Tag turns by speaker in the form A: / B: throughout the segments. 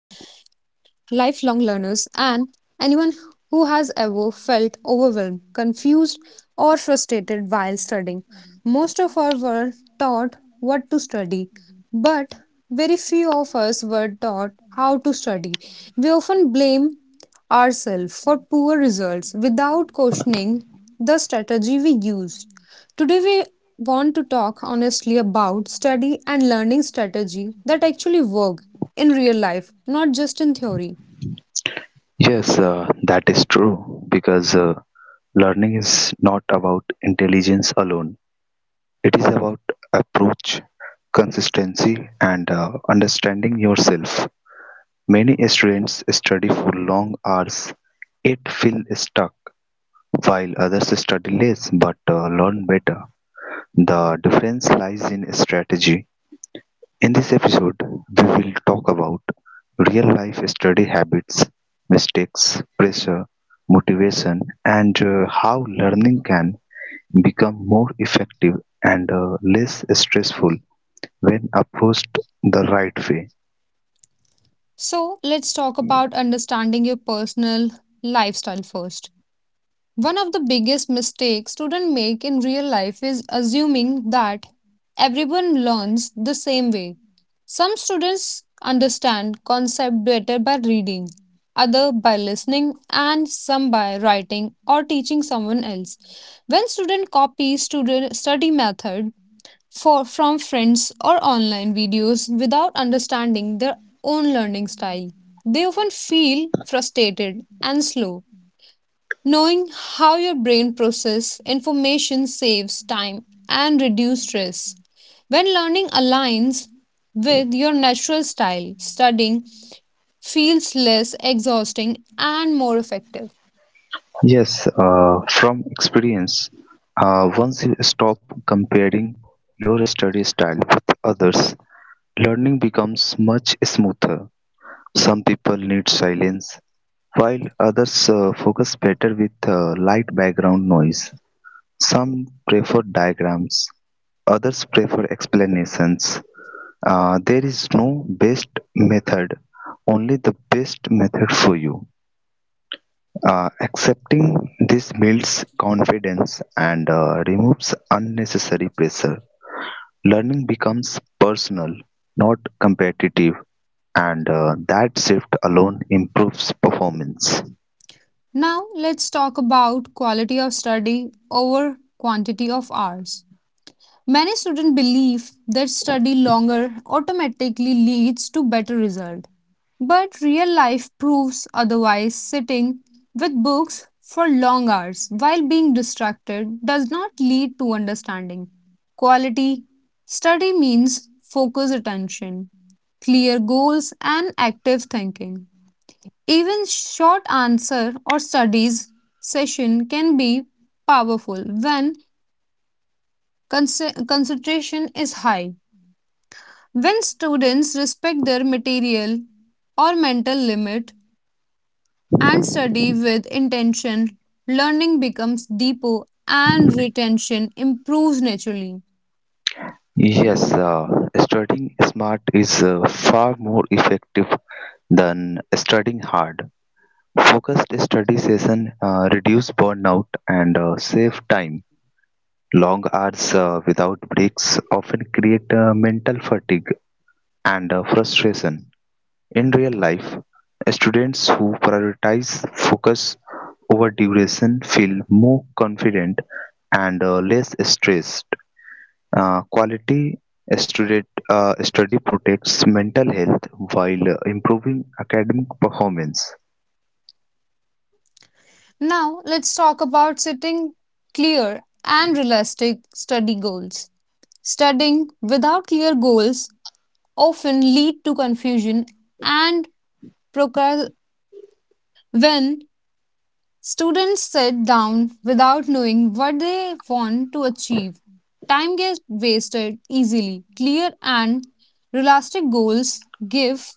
A: lifelong learners, and anyone who has ever felt overwhelmed, confused, or frustrated while studying. Most of us were taught what to study, but very few of us were taught how to study. We often blame ourselves for poor results without questioning the strategy we used. Today, we want to talk honestly about study and learning strategy that actually work in real life, not just in theory.
B: Yes, that is true because learning is not about intelligence alone. It is about approach, consistency, and understanding yourself. Many students study for long hours, yet feel stuck, while others study less but learn better. The difference lies in strategy. In this episode, we will talk about real life study habits, mistakes, pressure, motivation, and how learning can become more effective and less stressful when approached the right way.
A: So, let's talk about understanding your personal lifestyle first. One of the biggest mistakes students make in real life is assuming that everyone learns the same way. Some students understand concept better by reading, other by listening, and some by writing or teaching someone else. When student copies student study method, from friends or online videos without understanding their own learning style, they often feel frustrated and slow. Knowing how your brain processes information saves time and reduces stress. When learning aligns with your natural style, studying feels less exhausting and more effective.
B: Yes, from experience, once you stop comparing your study style with others, learning becomes much smoother. Some people need silence, while others focus better with light background noise, some prefer diagrams, others prefer explanations. There is no best method, only the best method for you. Accepting this builds confidence and removes unnecessary pressure. Learning becomes personal, not competitive, and that shift alone improves performance.
A: Now, let's talk about quality of study over quantity of hours. Many students believe that study longer automatically leads to better result, but real life proves otherwise. Sitting with books for long hours while being distracted does not lead to understanding. Quality study means focus attention, clear goals and active thinking. Even short answer or studies session can be powerful when concentration is high. When students respect their material or mental limit and study with intention, learning becomes deeper and retention improves naturally.
B: Yes, studying smart is far more effective than studying hard. Focused study session reduce burnout and save time. Long hours without breaks often create mental fatigue and frustration. In real life, students who prioritize focus over duration feel more confident and less stressed. Quality student, study protects mental health while improving academic performance.
A: Now, let's talk about setting clear and realistic study goals. Studying without clear goals often lead to confusion and procrast- when students sit down without knowing what they want to achieve, time gets wasted easily. Clear and realistic goals give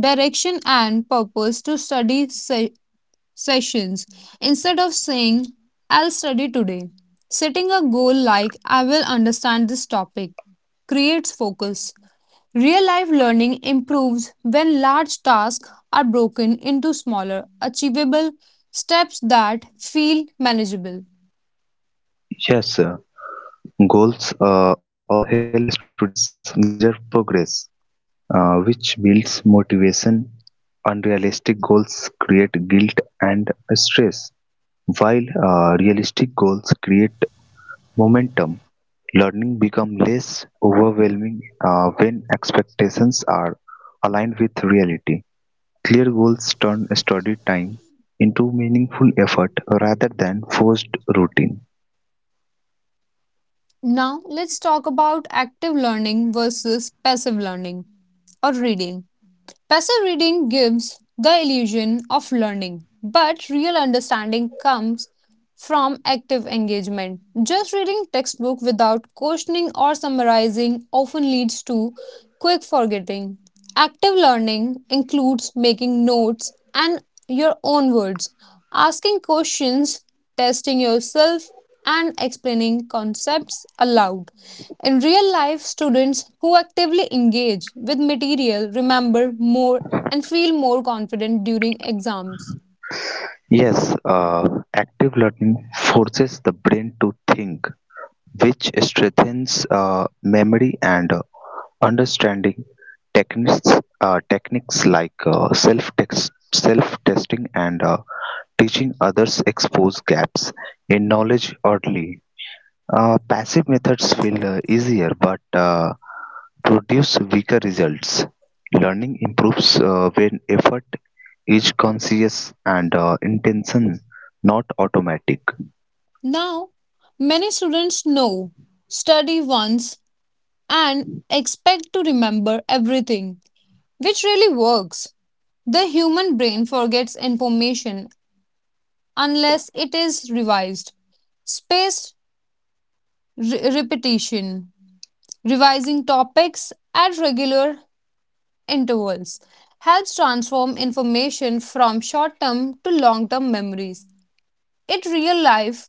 A: direction and purpose to study sessions. Instead of saying, I'll study today, setting a goal like, I will understand this topic creates focus. Real life learning improves when large tasks are broken into smaller, achievable steps that feel manageable.
B: Yes, goals also help students measure progress, which builds motivation. Unrealistic goals create guilt and stress, while realistic goals create momentum. Learning becomes less overwhelming when expectations are aligned with reality. Clear goals turn study time into meaningful effort rather than forced routine.
A: Now, let's talk about active learning versus passive learning or reading. Passive reading gives the illusion of learning, but real understanding comes from active engagement. Just reading textbook without questioning or summarizing often leads to quick forgetting. Active learning includes making notes and your own words, asking questions, testing yourself, and explaining concepts aloud. In real life, students who actively engage with material remember more and feel more confident during exams.
B: Yes, uh, active learning forces the brain to think, which strengthens uh, memory and understanding techniques, techniques like self-text, self-testing and teaching others expose gaps in knowledge early. Passive methods feel easier but produce weaker results. Learning improves when effort is conscious and intention not automatic.
A: Now, many students know, study once, and expect to remember everything, which really works. The human brain forgets information unless it is revised. Spaced repetition, revising topics at regular intervals helps transform information from short term to long term memories. In real life,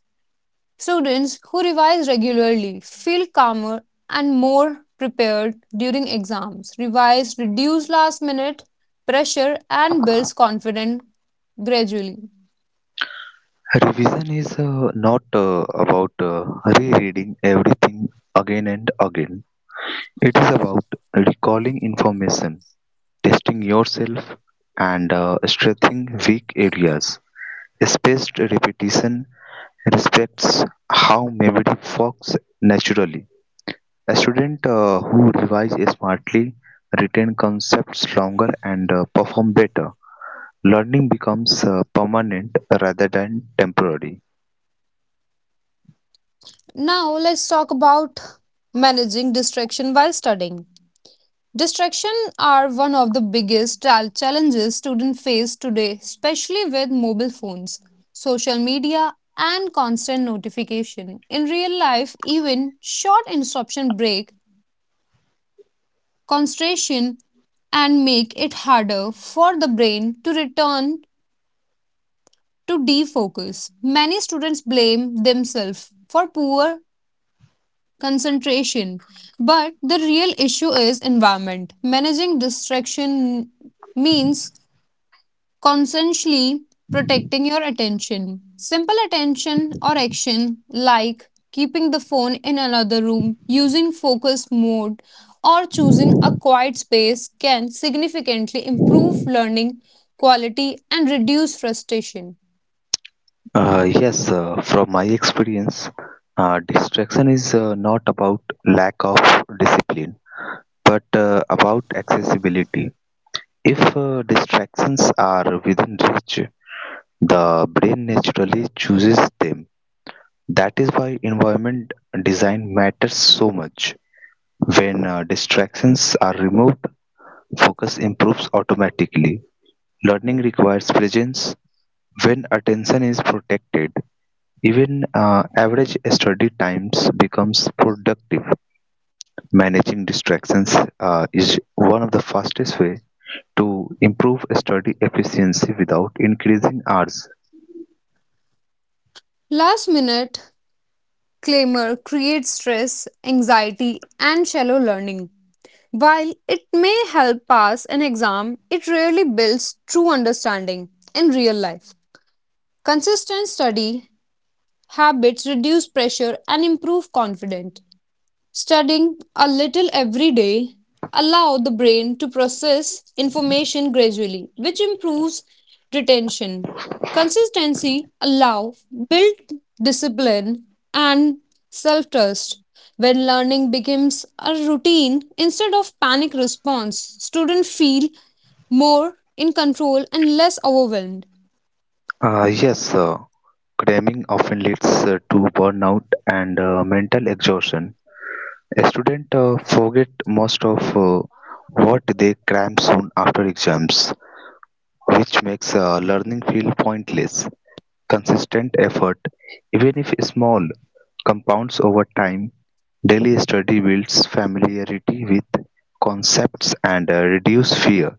A: students who revise regularly feel calmer and more prepared during exams. Revise reduces last minute pressure and builds confidence gradually.
B: Revision is not about rereading everything again and again. It is about recalling information, testing yourself, and strengthening weak areas. Spaced repetition respects how memory works naturally. A student who revises smartly retain concepts longer and perform better. Learning becomes permanent rather than temporary.
A: Now, let's talk about managing distraction while studying. Distraction are one of the biggest challenges students face today, especially with mobile phones, social media, and constant notification. In real life, even short interruption break concentration and make it harder for the brain to return to defocus. Many students blame themselves for poor concentration, but the real issue is environment. Managing distraction means consciously protecting your attention. Simple attention or action like keeping the phone in another room, using focus mode, or choosing a quiet space can significantly improve learning quality and reduce frustration.
B: Yes, from my experience, distraction is not about lack of discipline, but about accessibility. If distractions are within reach, the brain naturally chooses them. That is why environment design matters so much. When distractions are removed, focus improves automatically. Learning requires presence. When attention is protected, even average study times becomes productive. Managing distractions is one of the fastest way to improve study efficiency without increasing hours.
A: Last minute clamor creates stress, anxiety, and shallow learning. While it may help pass an exam, it rarely builds true understanding in real life. Consistent study habits reduce pressure and improve confidence. Studying a little every day allows the brain to process information gradually, which improves retention. Consistency allows build discipline and self-trust. When learning becomes a routine instead of panic response, students feel more in control and less overwhelmed.
B: Yes, cramming often leads to burnout and mental exhaustion. Students forget most of what they cram soon after exams, which makes learning feel pointless. Consistent effort, even if small, compounds over time. Daily study builds familiarity with concepts and reduce fear.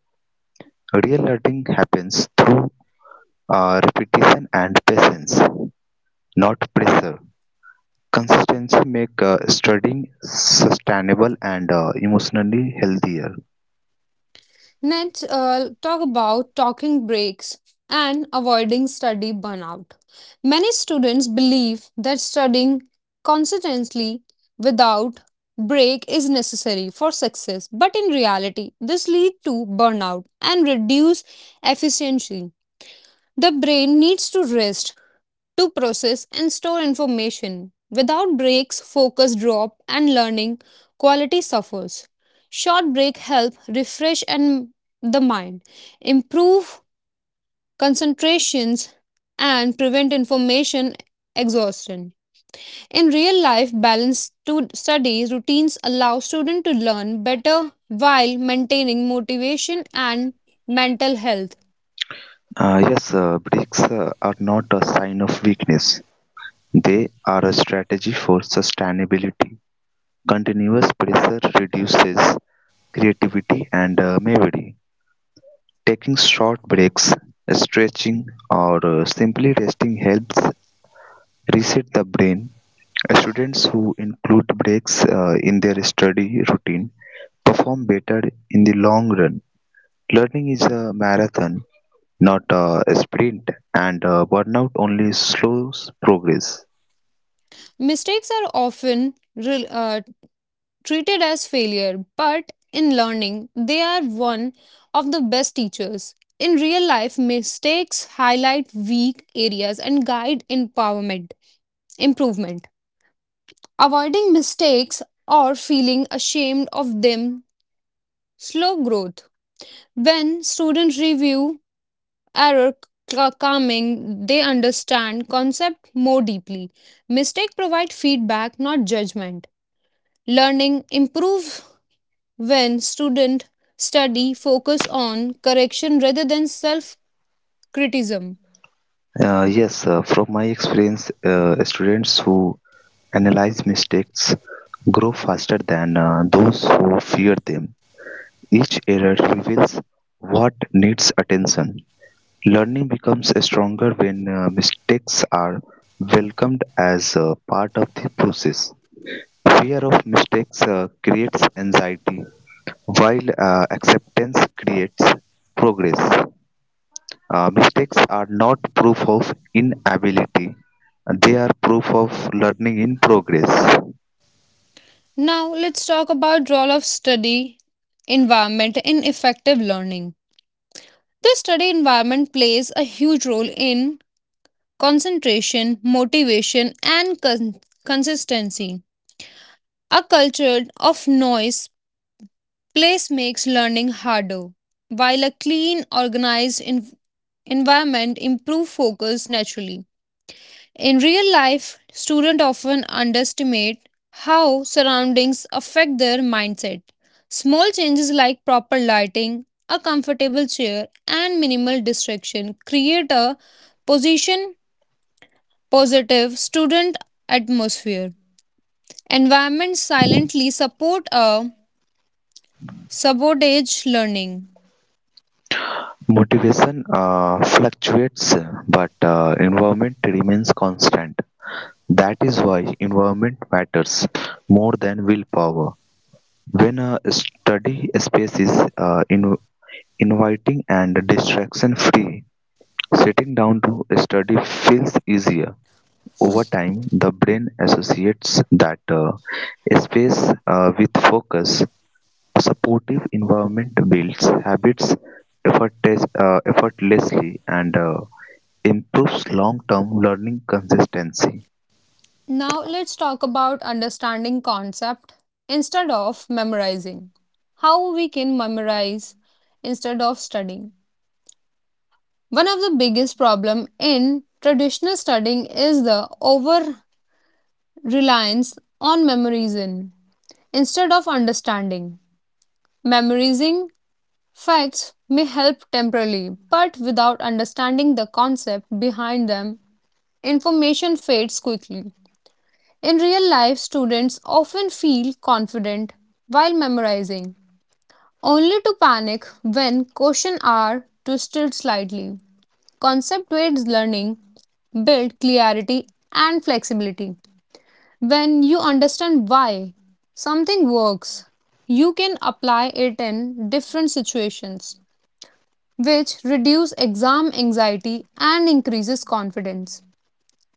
B: Real learning happens through repetition and patience, not pressure. Consistency make studying sustainable and emotionally healthier.
A: Let's talk about talking breaks and avoiding study burnout. Many students believe that studying consistently without break is necessary for success, but in reality, this leads to burnout and reduce efficiency. The brain needs to rest to process and store information. Without breaks, focus drop and learning quality suffers. Short break help refresh and the mind, improve concentrations and prevent information exhaustion. In real life, balanced study routines allow students to learn better while maintaining motivation and mental health.
B: Yes, bricks are not a sign of weakness. They are a strategy for sustainability. Continuous pressure reduces creativity and memory. Taking short breaks, stretching, or simply resting helps reset the brain. Students who include breaks in their study routine perform better in the long run. Learning is a marathon, not a sprint, and burnout only slows progress.
A: Mistakes are often treated as failure, but in learning, they are one of the best teachers. In real life, mistakes highlight weak areas and guide empowerment, improvement. Avoiding mistakes or feeling ashamed of them slow growth. When students review error calming, they understand concept more deeply. Mistake provide feedback, not judgment. Learning improve when student study focus on correction rather than self criticism.
B: Yes, from my experience, students who analyze mistakes grow faster than those who fear them. Each error reveals what needs attention. Learning becomes stronger when mistakes are welcomed as a part of the process. Fear of mistakes creates anxiety, while acceptance creates progress. Mistakes are not proof of inability, they are proof of learning in progress.
A: Now, let's talk about role of study environment in effective learning. The study environment plays a huge role in concentration motivation and consistency. A culture of noise place makes learning harder, while a clean organized environment improve focus naturally. In real life, students often underestimate how surroundings affect their mindset. Small changes like proper lighting, a comfortable chair, and minimal distraction create a position positive student atmosphere. Environments silently support a sabotage learning.
B: Motivation fluctuates, but environment remains constant. That is why environment matters more than willpower. When a study space is inviting and distraction free, sitting down to study feels easier. Over time, the brain associates that space with focus; a supportive environment builds habits effortlessly and improves long-term learning consistency.
A: Now let's talk about understanding concept instead of memorizing. How we can memorize instead of studying. One of the biggest problem in traditional studying is the over reliance on memorizing instead of understanding. Memorizing facts may help temporarily, but without understanding the concept behind them, information fades quickly. In real life, students often feel confident while memorizing, only to panic when questions are twisted slightly. Concept based learning build clarity and flexibility. When you understand why something works, you can apply it in different situations, which reduce exam anxiety and increases confidence.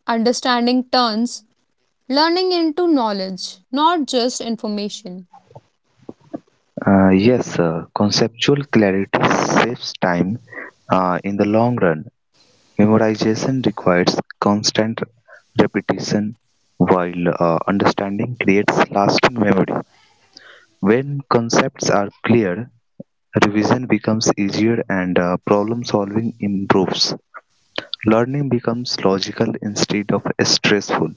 A: Understanding turns learning into knowledge, not just information.
B: Yes, conceptual clarity saves time in the long run. Memorization requires constant repetition, while understanding creates lasting memory. When concepts are clear, revision becomes easier and problem solving improves. Learning becomes logical instead of stressful.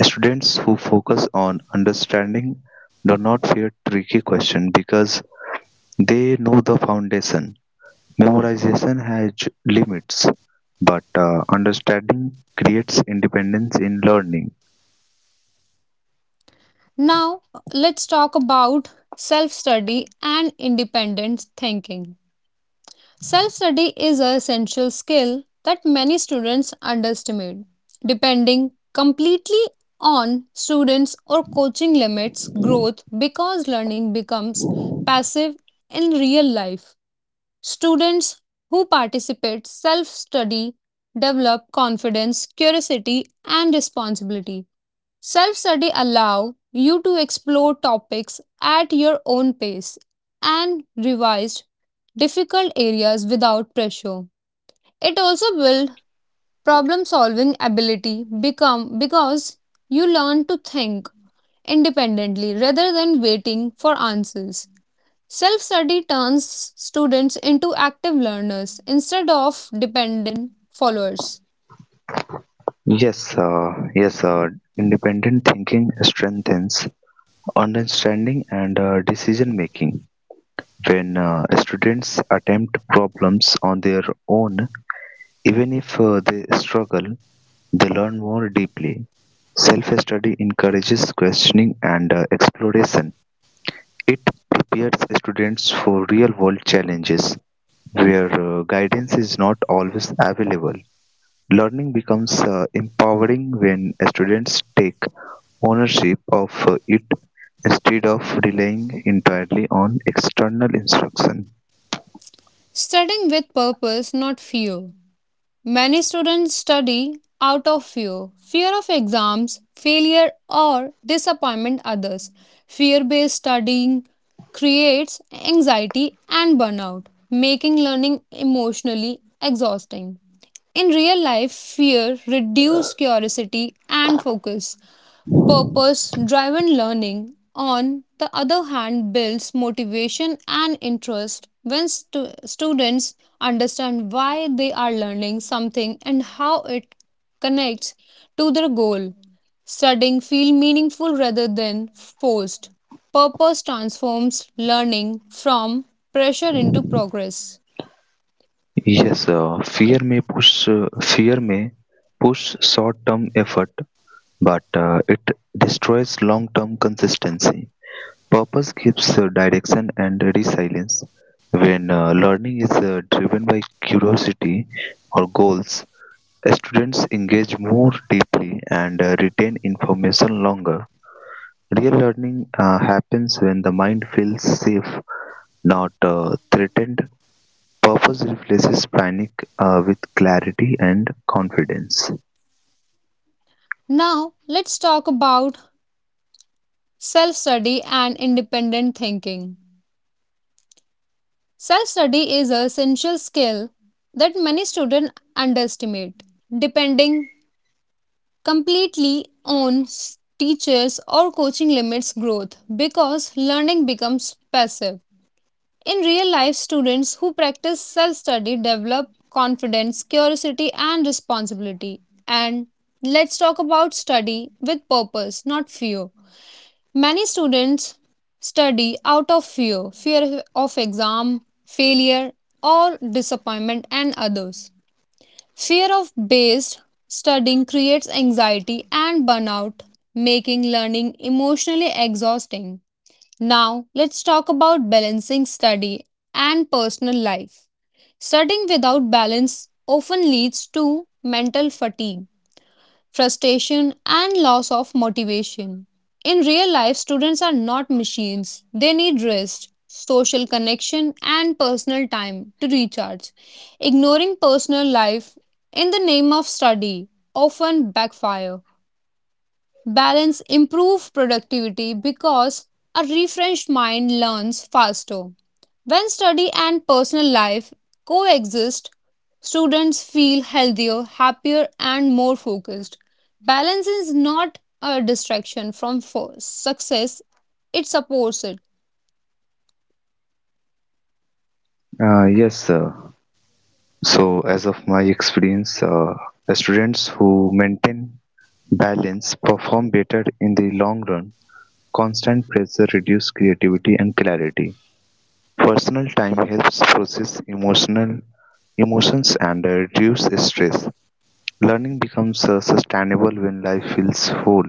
B: Students who focus on understanding do not fear tricky questions because they know the foundation. Memorization has limits, but understanding creates independence in learning.
A: Now, let's talk about self study and independent thinking. Self study is an essential skill that many students underestimate, depending completely on students or coaching limits growth because learning becomes passive in real life. Students who participate self study develop confidence, curiosity and responsibility. Self study allow you to explore topics at your own pace and revise difficult areas without pressure. It also builds problem solving ability become because you learn to think independently rather than waiting for answers. Self study turns students into active learners instead of dependent followers.
B: Yes, independent thinking strengthens understanding and decision making. When students attempt problems on their own, even if they struggle, they learn more deeply. Self study encourages questioning and exploration. It prepares students for real world challenges where guidance is not always available. Learning becomes empowering when students take ownership of it instead of relying entirely on external instruction.
A: Studying with purpose, not fear. Many students study out of fear of exams, failure, or disappointment others. Fear based studying creates anxiety and burnout, making learning emotionally exhausting. In real life, fear reduces curiosity and focus. Purpose driven learning, on the other hand, builds motivation and interest when students understand why they are learning something and how it connects to their goal. Studying feels meaningful rather than forced. Purpose transforms learning from pressure into progress.
B: Yes, fear may push short-term effort, but it destroys long-term consistency. Purpose gives direction and resilience. When learning is driven by curiosity or goals, students engage more deeply and retain information longer. Real learning happens when the mind feels safe, not threatened. Purpose replaces panic with clarity and confidence.
A: Now, let's talk about self study and independent thinking. Self study is a essential skill that many students underestimate. Depending completely on teachers or coaching limits growth because learning becomes passive. In real life, students who practice self study develop confidence, curiosity, and responsibility. And let's talk about study with purpose, not fear. Many students study out of fear of exam, failure, or disappointment, and others. Fear of based studying creates anxiety and burnout, making learning emotionally exhausting. Now, let's talk about balancing study and personal life. Studying without balance often leads to mental fatigue frustration, and loss of motivation. In real life, students are not machines. They need rest, social connection, and personal time to recharge. Ignoring personal life in the name of study often backfire. Balance improve productivity because a refreshed mind learns faster. When study and personal life coexist, students feel healthier, happier, and more focused. Balance is not a distraction from success, it supports it.
B: Yes, sir. So, as of my experience, students who maintain balance perform better in the long run. Constant pressure reduces creativity and clarity. Personal time helps process emotional emotions and reduce stress. Learning becomes sustainable when life feels whole.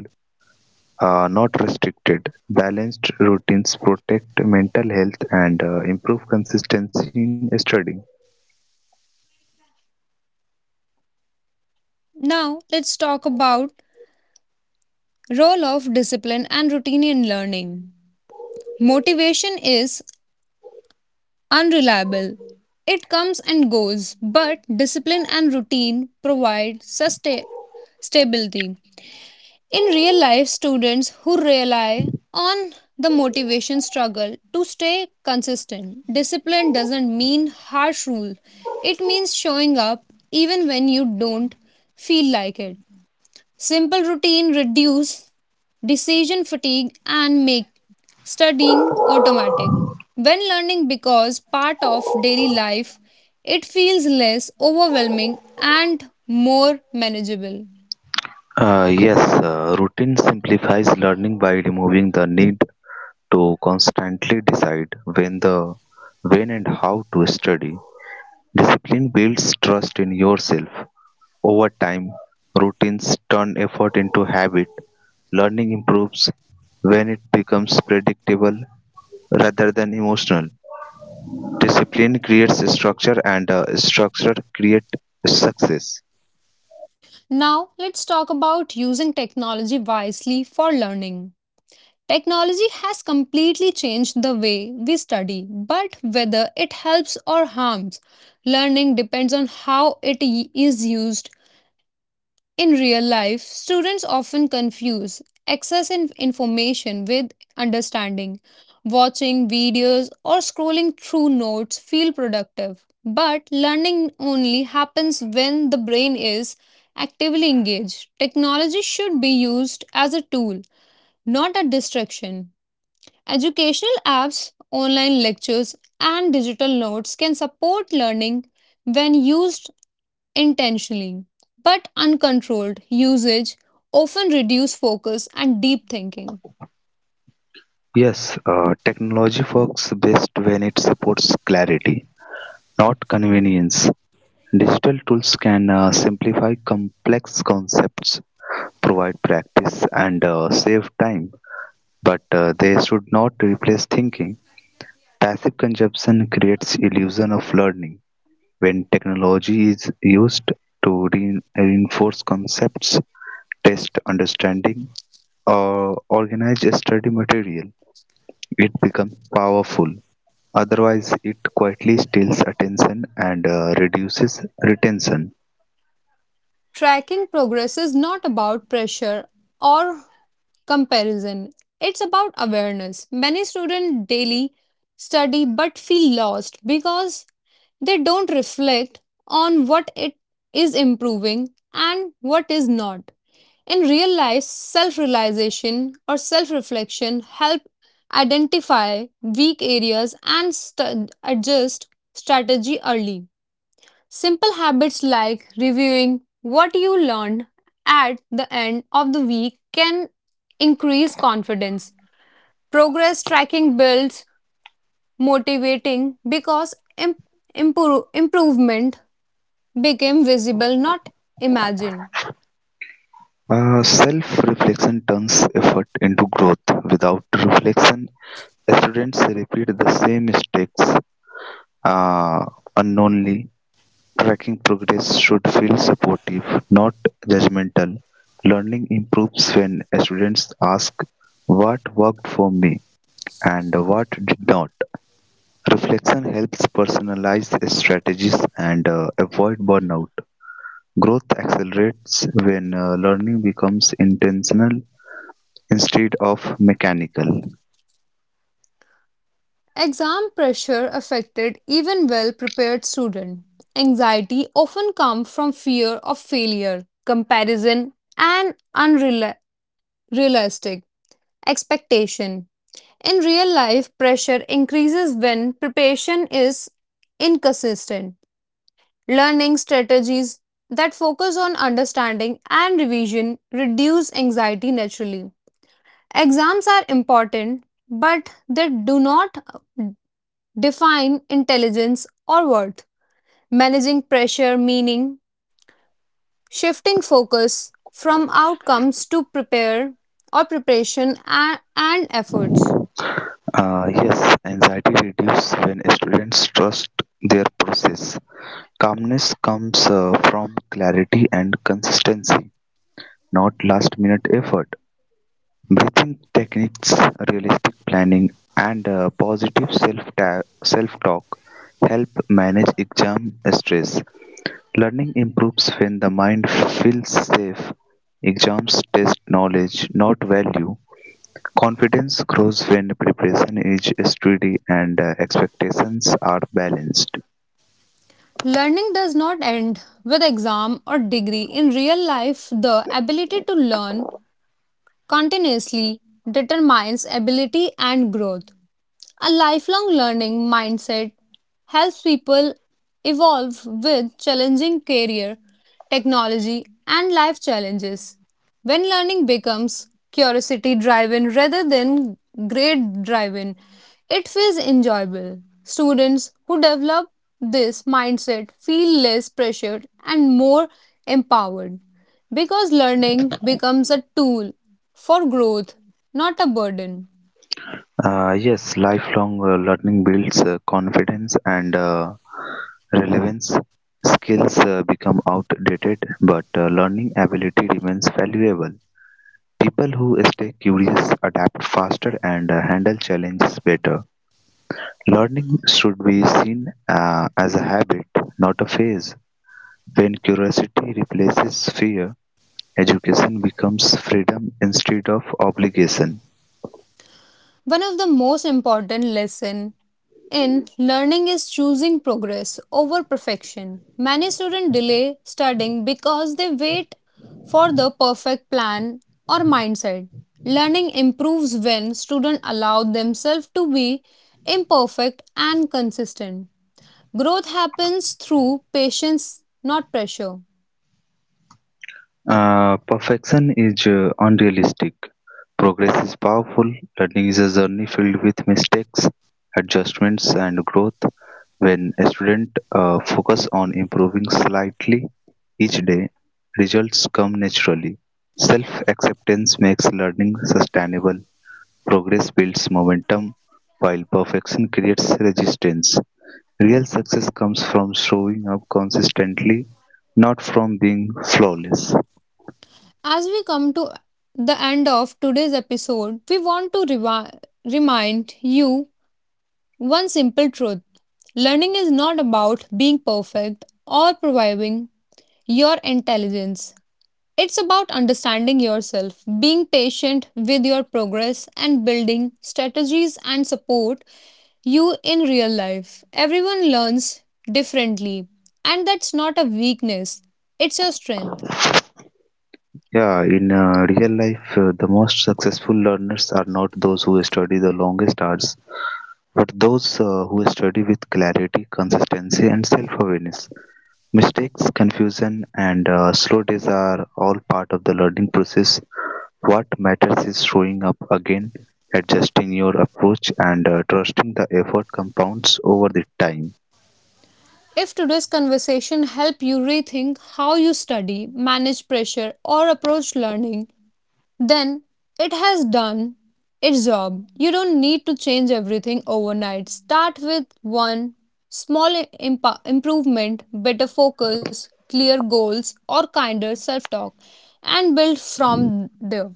B: Not restricted, balanced routines protect mental health and improve consistency in studying.
A: Now, let's talk about role of discipline and routine in learning. Motivation is unreliable. It comes and goes, but discipline and routine provide sustain stability. In real life, students who rely on the motivation struggle to stay consistent. Discipline doesn't mean harsh rule. It means showing up even when you don't feel like it. Simple routine reduce decision fatigue and make studying automatic. When learning becomes part of daily life, it feels less overwhelming and more manageable.
B: Yes, routine simplifies learning by removing the need to constantly decide when and how to study. Discipline builds trust in yourself. Over time, routines turn effort into habit. Learning improves when it becomes predictable rather than emotional. Discipline creates structure and structure creates success.
A: Now, let's talk about using technology wisely for learning. Technology has completely changed the way we study, but whether it helps or harms learning depends on how it is used. In real life, students often confuse access in information with understanding. Watching videos or scrolling through notes feel productive, but learning only happens when the brain is actively engaged. Technology should be used as a tool, not a distraction. Educational apps, online lectures, and digital notes can support learning when used intentionally, but uncontrolled usage often reduces focus and deep thinking.
B: Yes, technology works best when it supports clarity, not convenience. Digital tools can simplify complex concepts, provide practice, and save time, but they should not replace thinking. Passive consumption creates illusion of learning. When technology is used to reinforce concepts, test understanding, or organize study material, it becomes powerful. Otherwise, it quietly steals attention and reduces retention.
A: Tracking progress is not about pressure or comparison. It's about awareness. Many students daily study but feel lost because they don't reflect on what it is improving and what is not. In real life, self realization or self reflection help identify weak areas and adjust strategy early. Simple habits like reviewing what you learned at the end of the week can increase confidence. Progress tracking builds motivating because improvement became visible, not imagined.
B: Self reflection turns effort into growth. Without reflection, students repeat the same mistakes uh, unknowingly. Tracking progress should feel supportive, not judgmental. Learning improves when students ask what worked for me and what did not. Reflection helps personalize strategies and avoid burnout. Growth accelerates when learning becomes intentional instead of mechanical.
A: Exam pressure affected even well prepared students. Anxiety often comes from fear of failure, comparison, and unrealistic expectation. In real life, pressure increases when preparation is inconsistent. Learning strategies that focus on understanding and revision reduce anxiety naturally. Exams are important, but they do not define intelligence or worth. Managing pressure, meaning shifting focus from outcomes to prepare or preparation and efforts.
B: Yes, anxiety reduces when students trust their process. Calmness comes from clarity and consistency, not last minute effort. Breathing techniques, realistic planning, and positive self-talk help manage exam stress. Learning improves when the mind feels safe. Exams test knowledge, not value. Confidence grows when preparation is steady and expectations are balanced.
A: Learning does not end with exam or degree. In real life, the ability to learn continuously determines ability and growth. A lifelong learning mindset helps people evolve with challenging career, technology, and life challenges. When learning becomes curiosity driven rather than grade driven, it feels enjoyable. Students who develop this mindset feel less pressured and more empowered because learning becomes a tool for growth, not a burden.
B: Yes, lifelong learning builds confidence and relevance. Skills become outdated, but learning ability remains valuable. People who stay curious adapt faster and handle challenges better. Learning should be seen as a habit, not a phase. When curiosity replaces fear, education becomes freedom instead of obligation.
A: One of the most important lessons in learning is choosing progress over perfection. Many students delay studying because they wait for the perfect plan or mindset. Learning improves when students allow themselves to be imperfect and consistent. Growth happens through patience, not pressure.
B: Perfection is unrealistic. Progress is powerful; learning is a journey filled with mistakes, adjustments, and growth. When a students focus on improving slightly each day, results come naturally. Self acceptance makes learning sustainable. Progress builds momentum, while perfection creates resistance. Real success comes from showing up consistently, not from being flawless.
A: As we come to the end of today's episode, we want to remind you one simple truth learning is not about being perfect or proving your intelligence. It's about understanding yourself, being patient with your progress, and building strategies and support you in real life. Everyone learns differently, and that's not a weakness, it's your strength.
B: Yeah, in real life, the most successful learners are not those who study the longest hours, but those who study with clarity, consistency, and self awareness. Mistakes, confusion, and slow days are all part of the learning process. What matters is showing up again, adjusting your approach, and trusting the effort compounds over the time.
A: If today's conversation help you rethink how you study, manage pressure or approach learning, then it has done its job. You don't need to change everything overnight. Start with one small improvement, better focus, clear goals or kinder self-talk and build from there.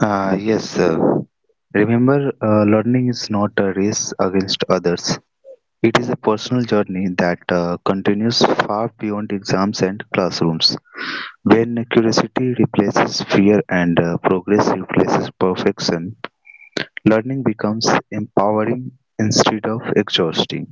B: Yes, remember, learning is not a race against others. It is a personal journey that continues far beyond exams and classrooms. When curiosity replaces fear and progress replaces perfection, learning becomes empowering instead of exhausting.